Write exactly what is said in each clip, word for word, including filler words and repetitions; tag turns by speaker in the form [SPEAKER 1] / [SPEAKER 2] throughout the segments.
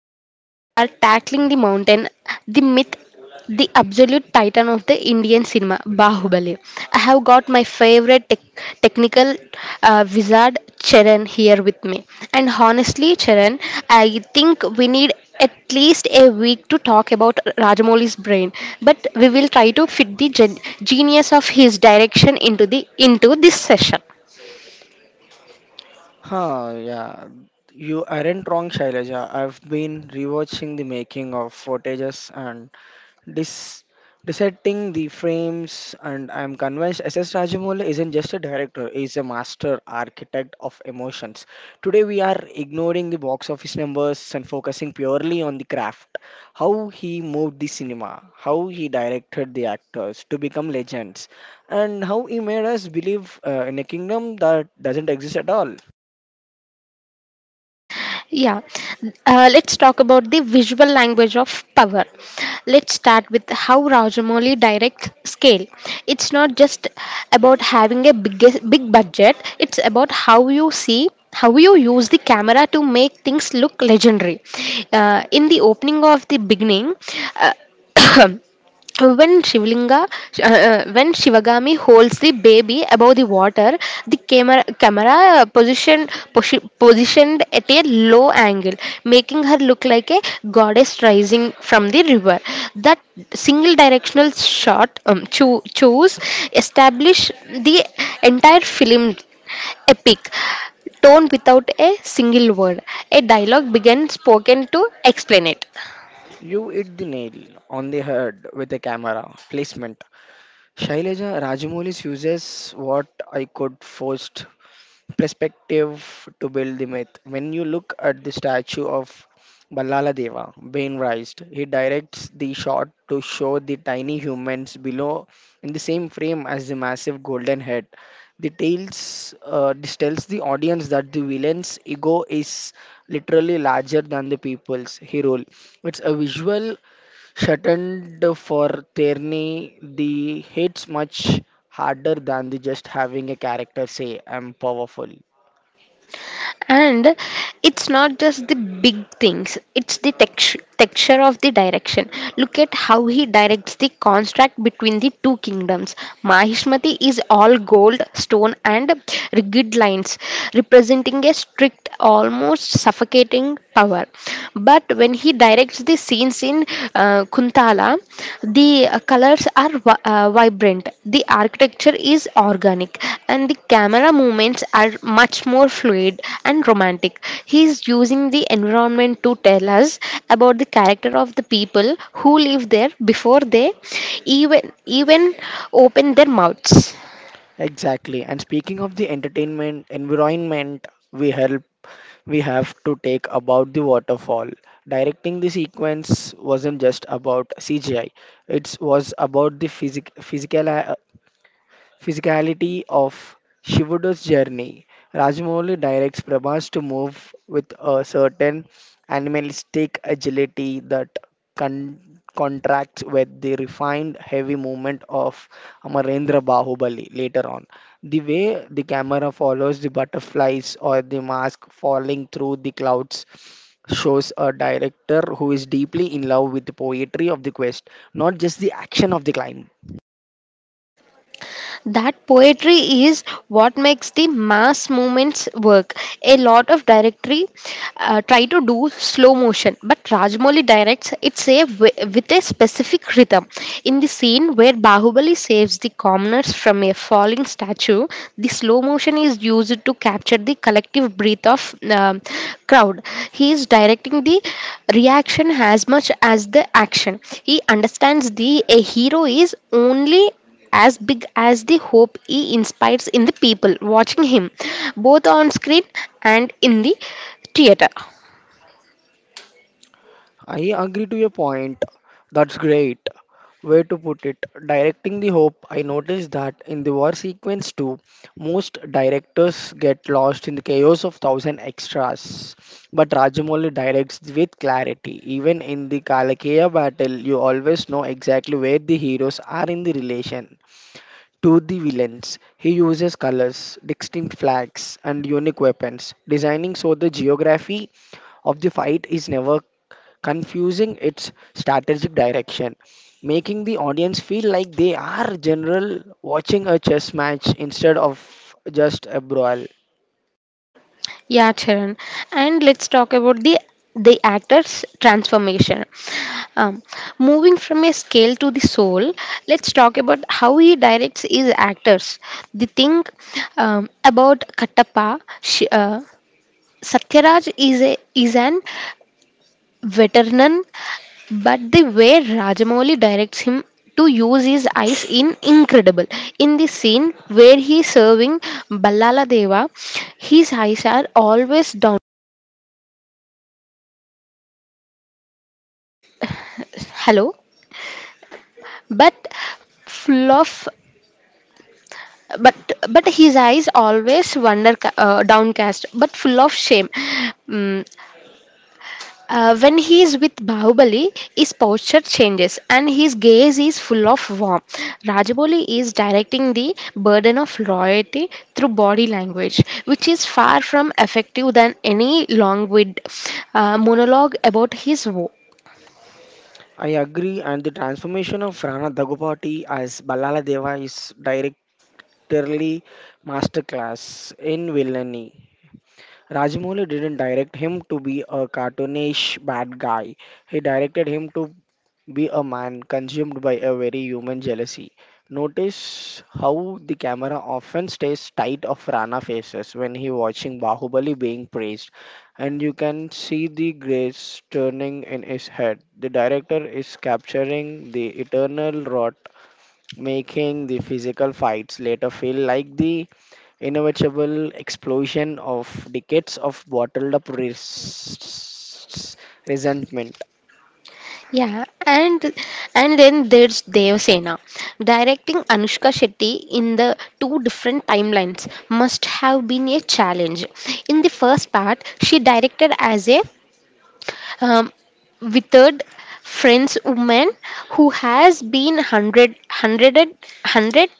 [SPEAKER 1] and today we are tackling the mountain, the myth, the absolute titan of the Indian cinema, Bahubali. I have got my favorite tech technical uh, wizard, Charan, here with me. And honestly, Charan, I think we need at least a week to talk about Rajamouli's brain, but we will try to fit the gen- genius of his direction into the into this session.
[SPEAKER 2] Huh, yeah. You aren't wrong, Shailaja. I've been rewatching the making of footages and dis desetting the frames, and I'm convinced S S. Rajamouli isn't just a director, he's a master architect of emotions. Today, we are ignoring the box office numbers and focusing purely on the craft, how he moved the cinema, how he directed the actors to become legends, and how he made us believe uh, in a kingdom that doesn't exist at all.
[SPEAKER 1] Yeah. Uh, let's talk about the visual language of power. Let's start with how Rajamouli directs scale. It's not just about having a big big budget. It's about how you see how you use the camera to make things look legendary. Uh, in the opening of the beginning. Uh, When Shivlinga, uh, uh, when Shivagami holds the baby above the water, the camera, camera position, posi- positioned at a low angle, making her look like a goddess rising from the river. That single directional shot um, cho- choose establish the entire film epic tone without a single word. A dialogue began spoken to explain it.
[SPEAKER 2] You hit the nail on the head with the camera placement. Shailaja Rajamoulis uses what I could forced perspective to build the myth. When you look at the statue of Ballala Deva, Wainwright, he directs the shot to show the tiny humans below in the same frame as the massive golden head. The tales uh, this tells the audience that the villain's ego is literally larger than the people's hero. It's a visual shortened for Tierney, the hit's much harder than the just having a character say, I'm powerful.
[SPEAKER 1] And it's not just the big things, it's the texture texture of the direction. Look at how he directs the contrast between the two kingdoms. Mahishmati is all gold stone and rigid lines, representing a strict, almost suffocating power. But when he directs the scenes in uh, Kuntala, the uh, colors are vi- uh, vibrant, the architecture is organic, and the camera movements are much more fluid and romantic. He is using the environment to tell us about the character of the people who live there before they even even open their mouths.
[SPEAKER 2] Exactly. And speaking of the entertainment environment, we help we have to take about the waterfall. Directing the sequence wasn't just about C G I. It was about the physic- physical uh, physicality of Shivuda's journey. Rajamouli directs Prabhas to move with a certain animalistic agility that con- contracts with the refined heavy movement of Amarendra Bahubali later on. The way the camera follows the butterflies or the mask falling through the clouds shows a director who is deeply in love with the poetry of the quest, not just the action of the climb.
[SPEAKER 1] That poetry is what makes the mass movements work. A lot of directory uh, try to do slow motion, but Rajmoli directs it's a wi- with a specific rhythm. In the scene where Bahubali saves the commoners from a falling statue, the slow motion is used to capture the collective breath of um, crowd. He is directing the reaction as much as the action. He understands the a hero is only as big as the hope he inspires in the people watching him, both on screen and in the theater.
[SPEAKER 2] I agree to your point. That's great. Way to put it. Directing the hope, I noticed that in the war sequence too, most directors get lost in the chaos of thousand extras. But Rajamouli directs with clarity. Even in the Kalakeya battle, you always know exactly where the heroes are in the relation. To the villains, he uses colors, distinct flags, and unique weapons, designing so the geography of the fight is never confusing its strategic direction, making the audience feel like they are general watching a chess match instead of just a brawl.
[SPEAKER 1] Yeah, Charan. And let's talk about the the actor's transformation. Um, Moving from a scale to the soul, let's talk about how he directs his actors. The thing um, about Kattappa, sh- uh, Satyaraj is a is an Veteran, but the way Rajamouli directs him to use his eyes in incredible. In the scene where he's serving Ballala Deva, his eyes are always down. Hello, but full of but but his eyes always wonder uh, downcast but full of shame. Mm. Uh, when he is with Bahubali, his posture changes and his gaze is full of warmth. Rajaboli is directing the burden of loyalty through body language, which is far from effective than any long-winded uh, monologue about his war.
[SPEAKER 2] I agree, and the transformation of Rana Dagupati as Ballala Deva is directly masterclass in villainy. Rajmouli didn't direct him to be a cartoonish bad guy. He directed him to be a man consumed by a very human jealousy. Notice how the camera often stays tight of Rana faces when he watching Bahubali being praised, and you can see the grace turning in his head. The director is capturing the eternal rot, making the physical fights later feel like the inevitable explosion of decades of bottled up res- resentment.
[SPEAKER 1] Yeah, and and then there's Devasena. Directing Anushka Shetty in the two different timelines must have been a challenge. In the first part, she directed as a um, withered French woman who has been hundred, hundreded, hundred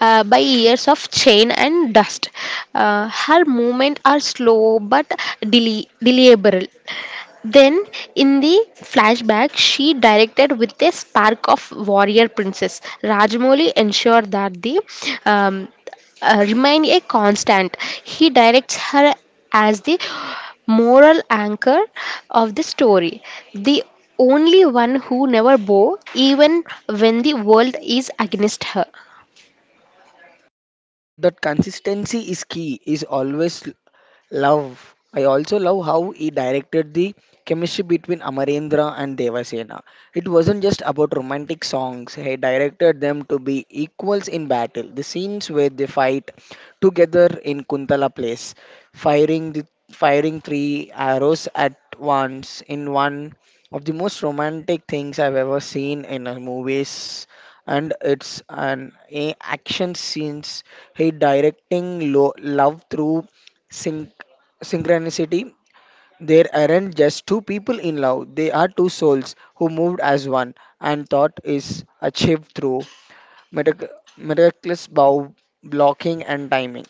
[SPEAKER 1] uh, by years of chain and dust. Uh, her movements are slow but deli- deliberate. Then, in the flashback, she directed with a spark of warrior princess. Rajmoli ensured that the um, uh, remain a constant. He directs her as the moral anchor of the story, the only one who never bow, even when the world is against her.
[SPEAKER 2] That consistency is key, is always love. I also love how he directed the chemistry between Amarendra and Devasena. It wasn't just about romantic songs, he directed them to be equals in battle. The scenes where they fight together in Kuntala place, firing the firing three arrows at once in one of the most romantic things I've ever seen in a movies, and it's an a- action scenes he directing lo- love through sync synchronicity. There aren't just two people in love, they are two souls who moved as one, and thought is achieved through mirac- miraculous bow blocking and timing.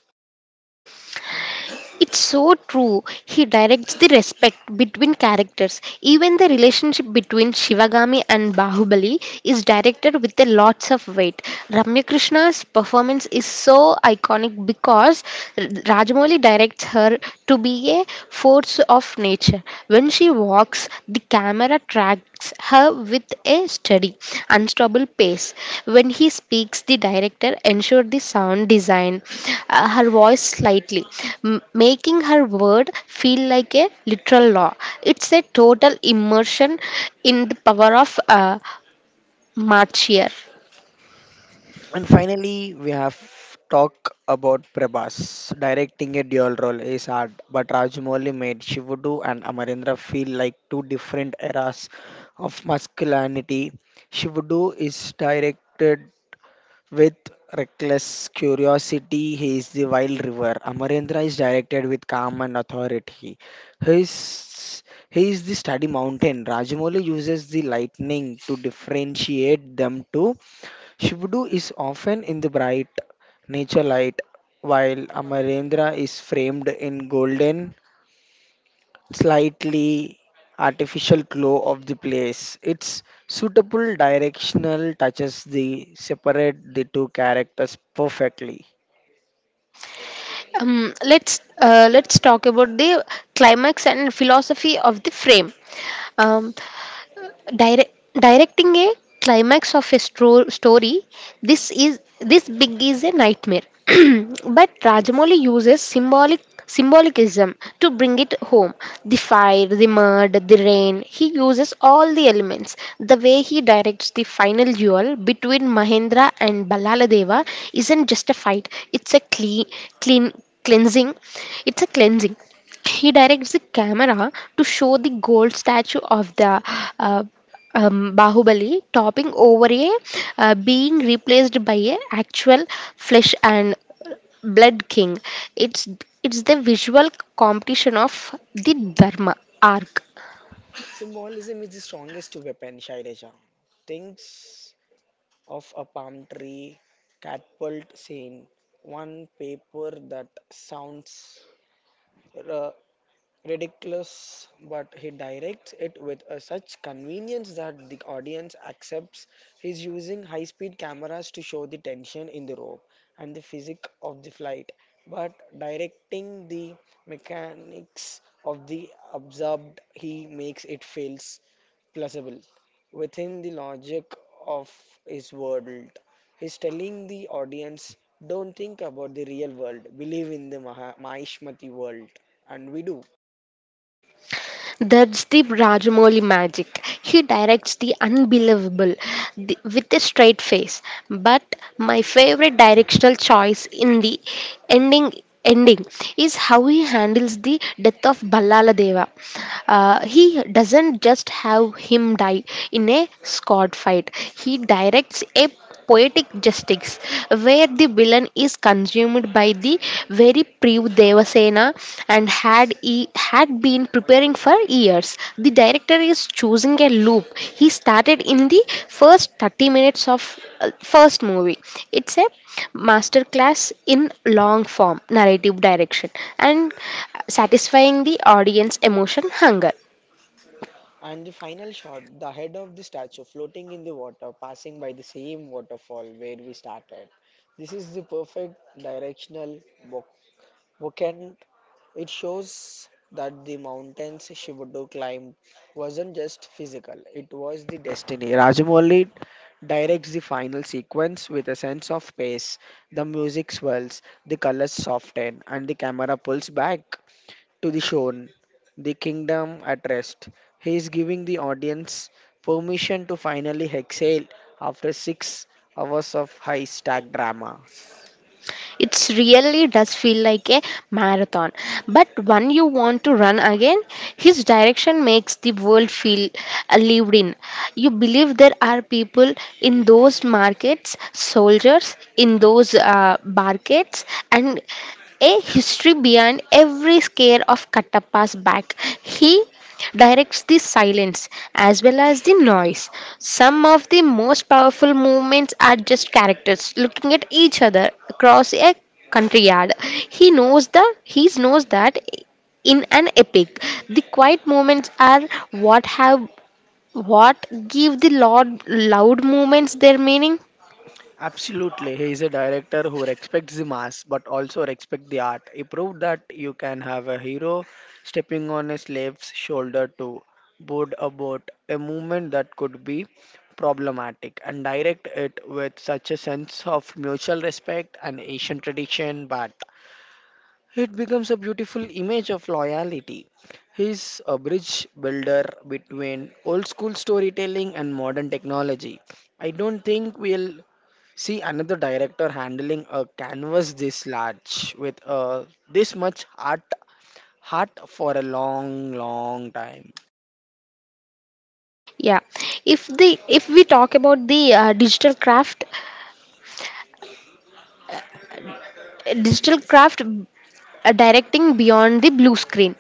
[SPEAKER 1] It's so true. He directs the respect between characters. Even the relationship between Shivagami and Bahubali is directed with a lots of weight. Ramya Krishna's performance is so iconic because Rajamouli directs her to be a force of nature. When she walks, the camera tracks her with a steady, unstoppable pace. When he speaks, the director ensured the sound design uh, her voice slightly, m- making her word feel like a literal law. It's a total immersion in the power of uh, Marchier.
[SPEAKER 2] And finally, we have talk about Prabhas. Directing a dual role is hard, but Rajamouli made Shivudu and Amarendra feel like two different eras of masculinity. Shivudu is directed with reckless curiosity, he is the wild river. Amarendra is directed with calm and authority. He is, he is the study mountain. Rajamouli uses the lightning to differentiate them too. Shivudu is often in the bright nature light, while Amarendra is framed in golden slightly artificial glow of the place. Its suitable directional touches the separate the two characters perfectly.
[SPEAKER 1] Um, let's uh, let's talk about the climax and philosophy of the frame. Um, Direct directing a climax of a stro- story, this is this big is a nightmare. But Rajamouli uses symbolic symbolicism to bring it home. The fire, the mud, the rain. He uses all the elements. The way he directs the final duel between Mahendra and Balaladeva isn't just a fight. It's a clean, clean cleansing. It's a cleansing. He directs the camera to show the gold statue of the uh, um, Bahubali topping over a uh, being replaced by a actual flesh and blood king. It's it's the visual competition of the Dharma arc.
[SPEAKER 2] Symbolism is the strongest weapon, Shailaja. Thinks of a palm tree catapult scene, one paper that sounds uh, ridiculous, but he directs it with a such convenience that the audience accepts he's using high speed cameras to show the tension in the rope and the physics of the flight, but directing the mechanics of the absorbed, he makes it feels plausible within the logic of his world. He's telling the audience, don't think about the real world, believe in the Maha- Mahishmati world. And we do.
[SPEAKER 1] That's the Rajamouli magic. He directs the unbelievable the- with a straight face. But my favorite directional choice in the ending ending is how he handles the death of Ballaladeva. Uh, he doesn't just have him die in a squad fight. He directs a poetic justice, where the villain is consumed by the very Priv Devasena and had he had been preparing for years. The director is choosing a loop. He started in the first thirty minutes of uh, first movie. It's a masterclass in long form narrative direction and satisfying the audience emotion hunger.
[SPEAKER 2] And the final shot, the head of the statue floating in the water, passing by the same waterfall where we started. This is the perfect directional book, bookend. It shows that the mountains Shibudo climbed wasn't just physical, it was the destiny. Rajamouli directs the final sequence with a sense of pace. The music swells, the colors soften, and the camera pulls back to the shown, the kingdom at rest. He is giving the audience permission to finally exhale after six hours of high stack drama.
[SPEAKER 1] It's really does feel like a marathon, but when you want to run again. His direction makes the world feel uh, lived in. You believe there are people in those markets, soldiers in those uh, barricades, and a history behind every scare of Katappa's back. He directs the silence as well as the noise. Some of the most powerful movements are just characters looking at each other across a country yard. He knows that he knows that in an epic, the quiet moments are what have what give the loud loud movements their meaning.
[SPEAKER 2] Absolutely, he is a director who respects the mass but also respects the art. He proved that you can have a hero stepping on a slave's shoulder to board a boat, a movement that could be problematic, and direct it with such a sense of mutual respect and Asian tradition. But it becomes a beautiful image of loyalty. He's a bridge builder between old school storytelling and modern technology. I don't think we'll see another director handling a canvas this large with uh, this much art heart for a long long time.
[SPEAKER 1] Yeah, if the if we talk about the uh, digital craft digital craft uh, directing beyond the blue screen.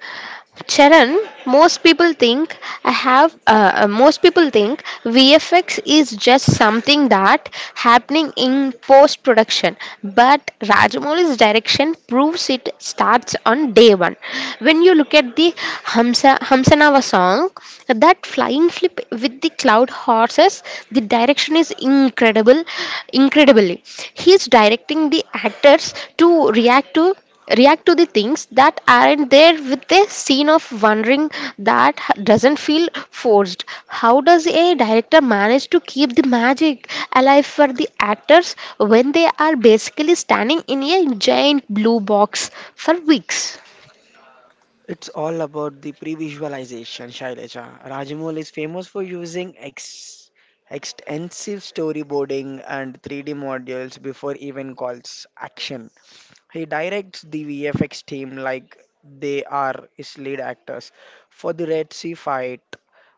[SPEAKER 1] Charan, most people think I have. Uh, uh, most people think V F X is just something that happening in post production, but Rajamouli's direction proves it starts on day one. When you look at the Hamsa Hamsanava song, that flying flip with the cloud horses, the direction is incredible, incredibly. He's directing the actors to react to react to the things that aren't there with a scene of wondering that h- doesn't feel forced. How does a director manage to keep the magic alive for the actors when they are basically standing in a giant blue box for weeks?
[SPEAKER 2] It's all about the pre-visualization, Shailaja. Rajamoul is famous for using ex- extensive storyboarding and three D models before even calls action. He directs the V F X team like they are his lead actors. For the Red Sea fight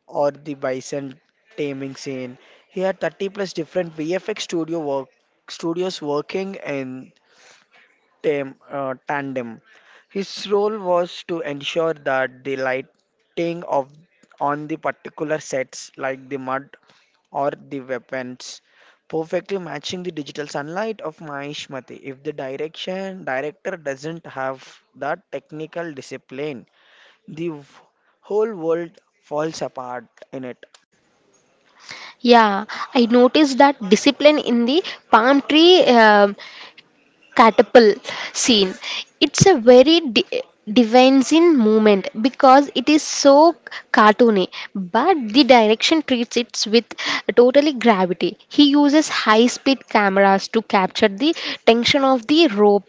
[SPEAKER 2] or the bison taming scene, he had thirty plus different V F X studio work studios working in tam- uh, tandem. His role was to ensure that the lighting of on the particular sets, like the mud or the weapons, perfectly matching the digital sunlight of Mahishmati. If the direction director doesn't have that technical discipline, the w- whole world falls apart in it.
[SPEAKER 1] Yeah, I noticed that discipline in the palm tree um catapult scene. It's a very di- divine moment because it is so cartoony, but the direction treats it with totally gravity. He uses high speed cameras to capture the tension of the rope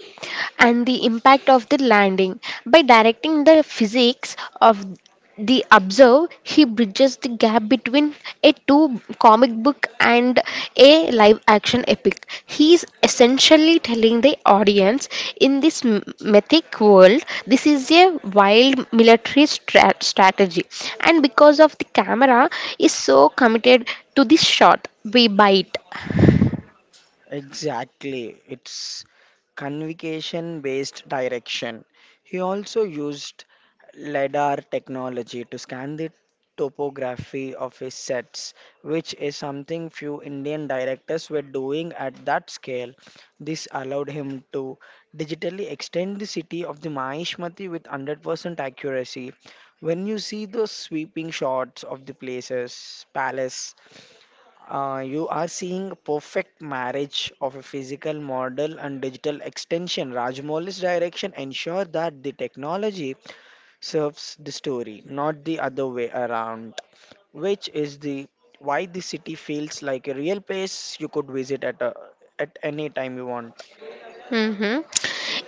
[SPEAKER 1] and the impact of the landing. By directing the physics of the observe, he bridges the gap between a two comic book and a live action epic. He is essentially telling the audience in this m- mythic world this is a wild military strat- strategy, and because of the camera is so committed to this shot, we bite.
[SPEAKER 2] Exactly, it's convocation based direction. He also used LIDAR technology to scan the topography of his sets, which is something few Indian directors were doing at that scale. This allowed him to digitally extend the city of the Mahishmati with one hundred percent accuracy. When you see the sweeping shots of the places, palace, uh, you are seeing a perfect marriage of a physical model and digital extension. Rajmouli's direction ensure that the technology serves the story, not the other way around, which is the why the city feels like a real place you could visit at a, at any time you want.
[SPEAKER 1] Hmm.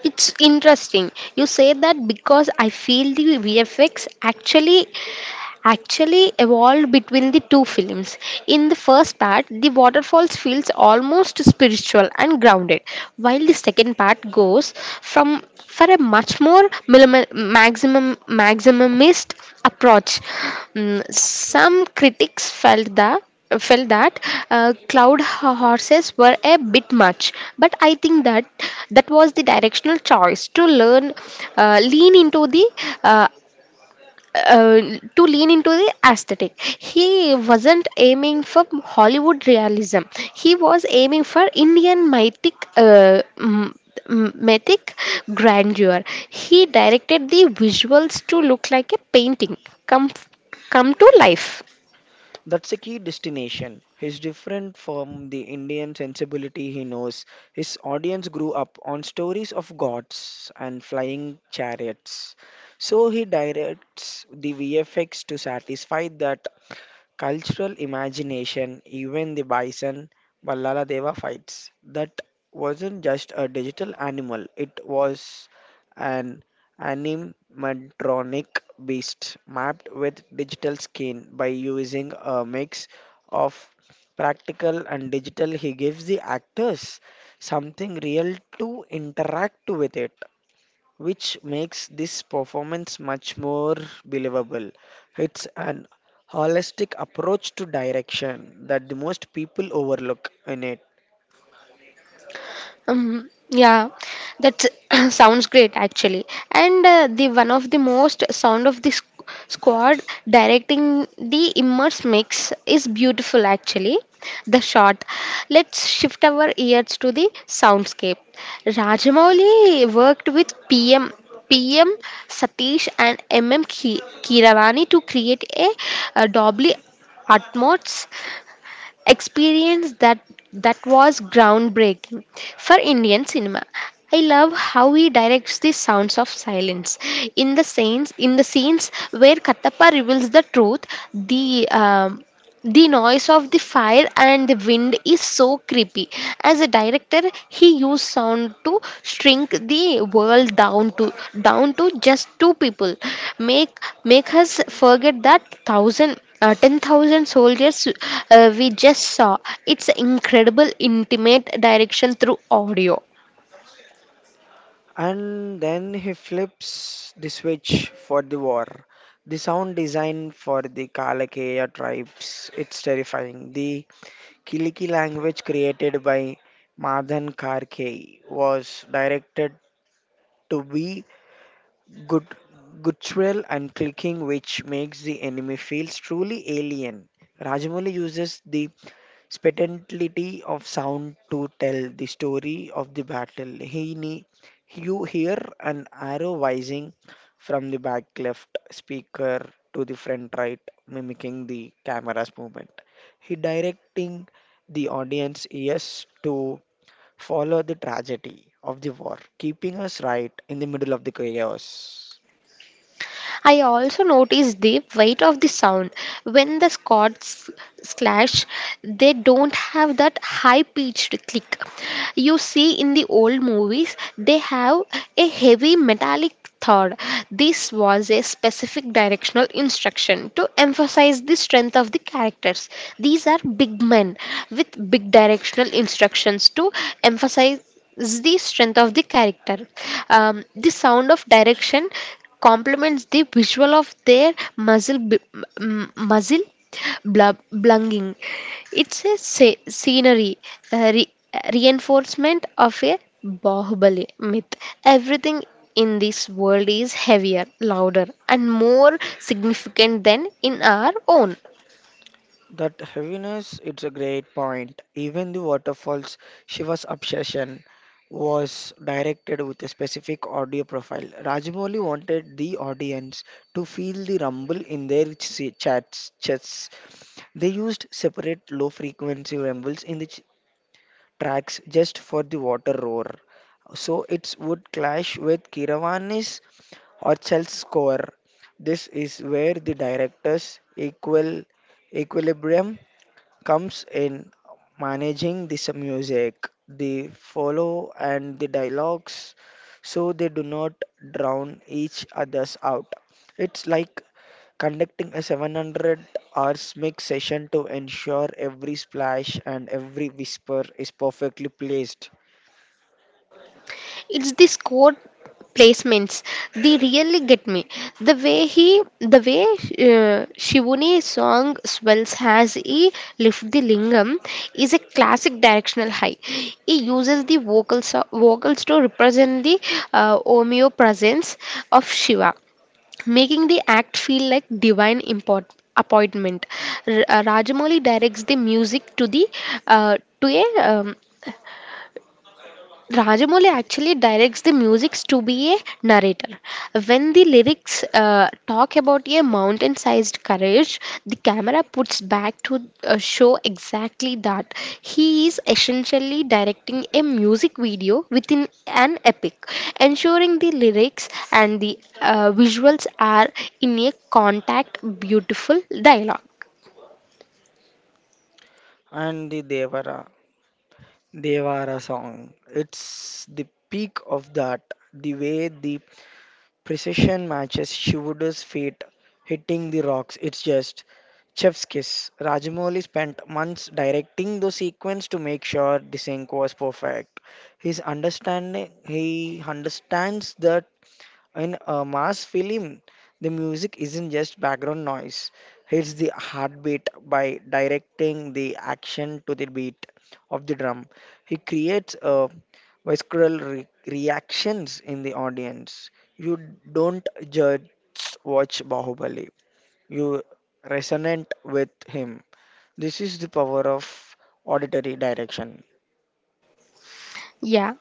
[SPEAKER 1] It's interesting. You say that because I feel the V F X actually actually evolved between the two films. In the first part, the waterfalls feels almost spiritual and grounded, while the second part goes from for a much more millim- maximum maximumist approach. Mm. Some critics felt that felt that uh, cloud ho- horses were a bit much, but I think that that was the directional choice to learn uh, lean into the uh, uh, to lean into the aesthetic. He wasn't aiming for Hollywood realism. He was aiming for Indian mythic, uh, m- m- mythic grandeur. He directed the visuals to look like a painting come come to life.
[SPEAKER 2] That's a key destination. He's different from the Indian sensibility he knows. His audience grew up on stories of gods and flying chariots. So he directs the V F X to satisfy that cultural imagination, even the bison Ballala Deva fights. That wasn't just a digital animal, it was an animatronic beast mapped with digital skin by using a mix of practical and digital, he gives the actors something real to interact with it, which makes this performance much more believable. It's an holistic approach to direction that the most people overlook in it.
[SPEAKER 1] Um, yeah, that sounds great actually. And uh, the one of the most sound of the squ- squad directing the immerse mix is beautiful actually. The shot. Let's shift our ears to the soundscape. Rajamouli worked with P. M. P. M. Satish and M M Ki- Kiravani to create a, uh doubly atmos experience that that was groundbreaking for Indian cinema. I love how he directs the sounds of silence in the scenes in the scenes where Kattappa reveals the truth. The um, the noise of the fire and the wind is so creepy. As a director, he used sound to shrink the world down to down to just two people, make make us forget that thousand uh, ten thousand soldiers uh, we just saw. It's incredible intimate direction through audio.
[SPEAKER 2] And then he flips the switch for the war. The sound design for the Kalakeya tribes, it's terrifying. The Kiliki language created by Madan Karkey was directed to be gut- guttural and clicking, which makes the enemy feels truly alien. Rajamouli uses the spectacularity of sound to tell the story of the battle. He ne- you hear an arrow whizzing from the back left speaker to the front right, mimicking the camera's movement. He directing the audience yes to follow the tragedy of the war, keeping us right in the middle of the chaos.
[SPEAKER 1] I also notice the weight of the sound. When the chords clash, they don't have that high pitched click. You see in the old movies, they have a heavy metallic thud. This was a specific directional instruction to emphasize the strength of the characters. These are big men with big directional instructions to emphasize the strength of the character. Um, the sound of direction complements the visual of their muzzle b- m- muzzle blub- blunging. It's a se- scenery a re- reinforcement of a Bahubali myth. Everything in this world is heavier, louder, and more significant than in our own.
[SPEAKER 2] That heaviness, it's a great point. Even the waterfalls, Shiva's obsession was directed with a specific audio profile. Rajamouli wanted the audience to feel the rumble in their ch- chats, chests. They used separate low frequency rumbles in the ch- tracks just for the water roar. So it would clash with Kiravani's or Chel's score. This is where the director's equal equilibrium comes in managing this music, the follow and the dialogues so they do not drown each others out. It's like conducting a seven hundred hours mix session to ensure every splash and every whisper is perfectly placed.
[SPEAKER 1] It's this quote placements, they really get me. The way he the way uh, shivuni song swells as he lifts the lingam is a classic directional high. He uses the vocals vocals to represent the uh, omnipresence of shiva, making the act feel like divine import, appointment. R- uh, rajamouli directs the music to the uh, to a um, Rajamouli actually directs the musics to be a narrator. When the lyrics uh, talk about a mountain-sized courage, the camera puts back to uh, show exactly that. He is essentially directing a music video within an epic, ensuring the lyrics and the uh, visuals are in a contact, beautiful dialogue.
[SPEAKER 2] And the Devara, Devara song, it's the peak of that. The way the precision matches Shivuda's feet hitting the rocks. It's just chef's kiss. Rajamouli spent months directing the sequence to make sure the sync was perfect. His understanding, he understands that in a mass film, the music isn't just background noise, it's the heartbeat by directing the action to the beat of the drum. He creates a visceral re- reactions in the audience. You don't just watch Bahubali, you resonate with him. This is the power of auditory direction.
[SPEAKER 1] Yeah,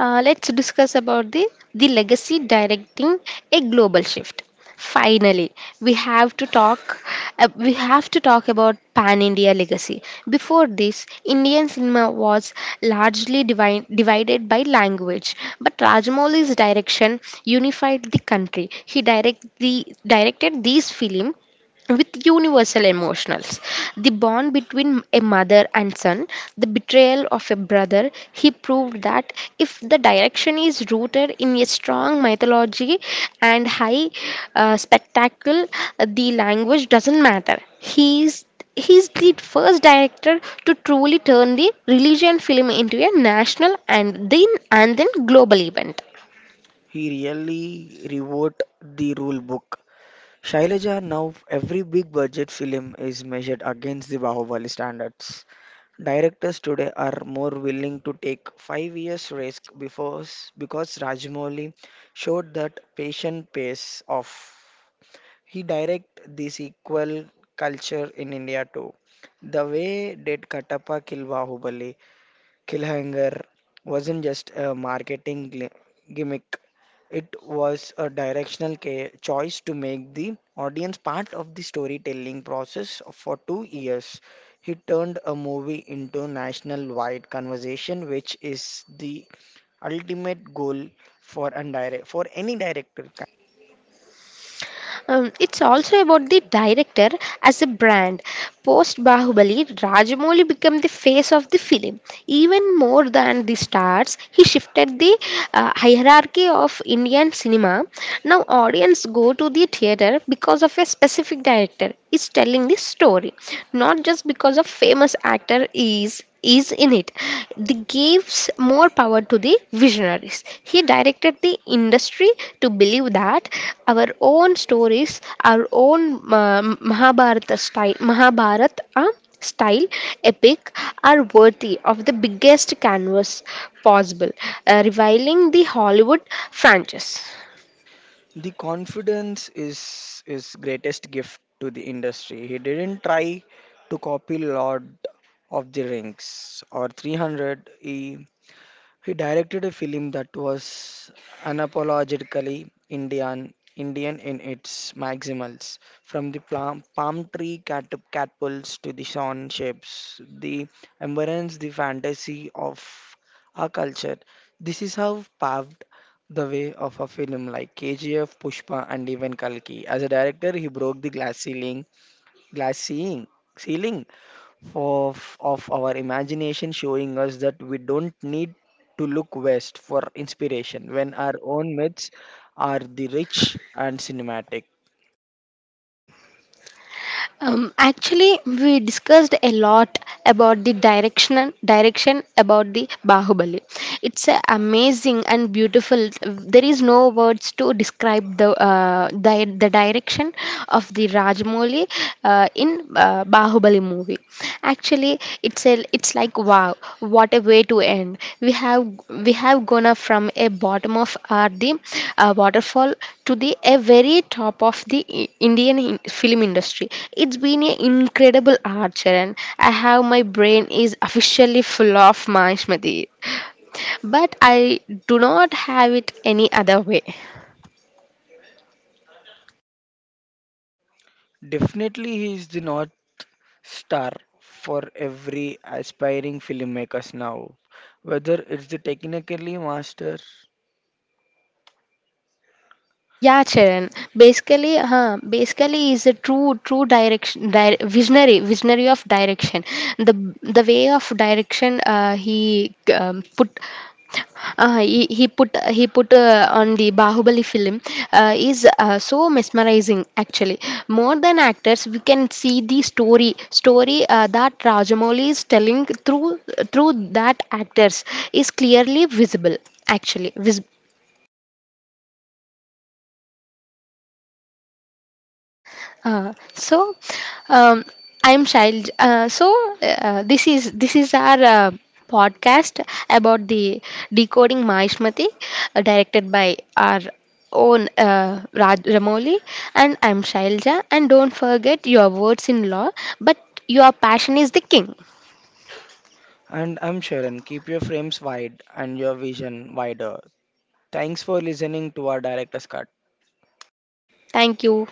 [SPEAKER 1] uh, let's discuss about the the legacy directing a global shift. Finally, we have to talk. Uh, we have to talk about Pan India legacy. Before this, Indian cinema was largely divide, divided by language, but Rajamouli's direction unified the country. He direct the directed these film with universal emotionals, the bond between a mother and son, the betrayal of a brother. He proved that if the direction is rooted in a strong mythology and high uh, spectacle, the language doesn't matter. he is He's the first director to truly turn the religion film into a national and then and then global event.
[SPEAKER 2] He really rewrote the rule book, Shailaja, now every big budget film is measured against the Bahubali standards. Directors today are more willing to take five years risk before, because Rajmouli showed that patient pace off. He directed the sequel culture in India too. The way did Katappa kill Bahubali, Killhanger wasn't just a marketing gli- gimmick, was a directional ca- choice to make the audience part of the storytelling process for two years. He turned a movie into national-wide conversation, which is the ultimate goal for a direct for any director.
[SPEAKER 1] Um, it's also about the director as a brand. Post Bahubali, Rajamouli became the face of the film. Even more than the stars, he shifted the uh, hierarchy of Indian cinema. Now, audience go to the theater because of a specific director is telling the story, not just because of famous actor is is in it. It gives more power to the visionaries. He directed the industry to believe that our own stories, our own uh, Mahabharata style, Mahabharata uh, style epic are worthy of the biggest canvas possible, uh, reviling the Hollywood franchise.
[SPEAKER 2] The confidence is his greatest gift to the industry, he didn't try to copy Lord of the Rings or three hundred. he He directed a film that was unapologetically Indian, Indian in its maximals, from the plum, palm tree cat, catapults to the sun shapes, the embrace the fantasy of our culture. This is how paved the way of a film like K G F, Pushpa, and even Kalki. As a director, he broke the glass ceiling, glass ceiling, ceiling of, of our imagination showing us that we don't need to look west for inspiration when our own myths are the rich and cinematic.
[SPEAKER 1] Um, actually, we discussed a lot about the direction direction about the Bahubali. It's a amazing and beautiful. There is no words to describe the uh, di- the direction of the Rajmouli uh, in uh, Bahubali movie. Actually, it's a, it's like wow, what a way to end. We have we have gone up from a bottom of uh, the uh, waterfall to the a very top of the I- Indian in- film industry. It's been an incredible archer, and I have my brain is officially full of Mahishmati, but I do not have it any other way.
[SPEAKER 2] Definitely, he is the North Star for every aspiring filmmakers now, whether it's the technically master.
[SPEAKER 1] Yeah, Charan. Basically, huh, basically is a true true direction di- visionary visionary of direction. The the way of direction uh, he um, put uh, he, he put he put uh, on the Bahubali film uh, is uh, so mesmerizing actually. More than actors, we can see the story story uh, that Rajamouli is telling through through that actors is clearly visible, actually vis- Uh, so um, I'm child uh, so uh, this is this is our uh, podcast about the decoding mahishmati uh, directed by our own uh, Raj Ramoli, and I'm Shailja, and don't forget your words in law, but your passion is the king.
[SPEAKER 2] And I'm Sharon, keep your frames wide and your vision wider. Thanks for listening to our director's cut.
[SPEAKER 1] Thank you.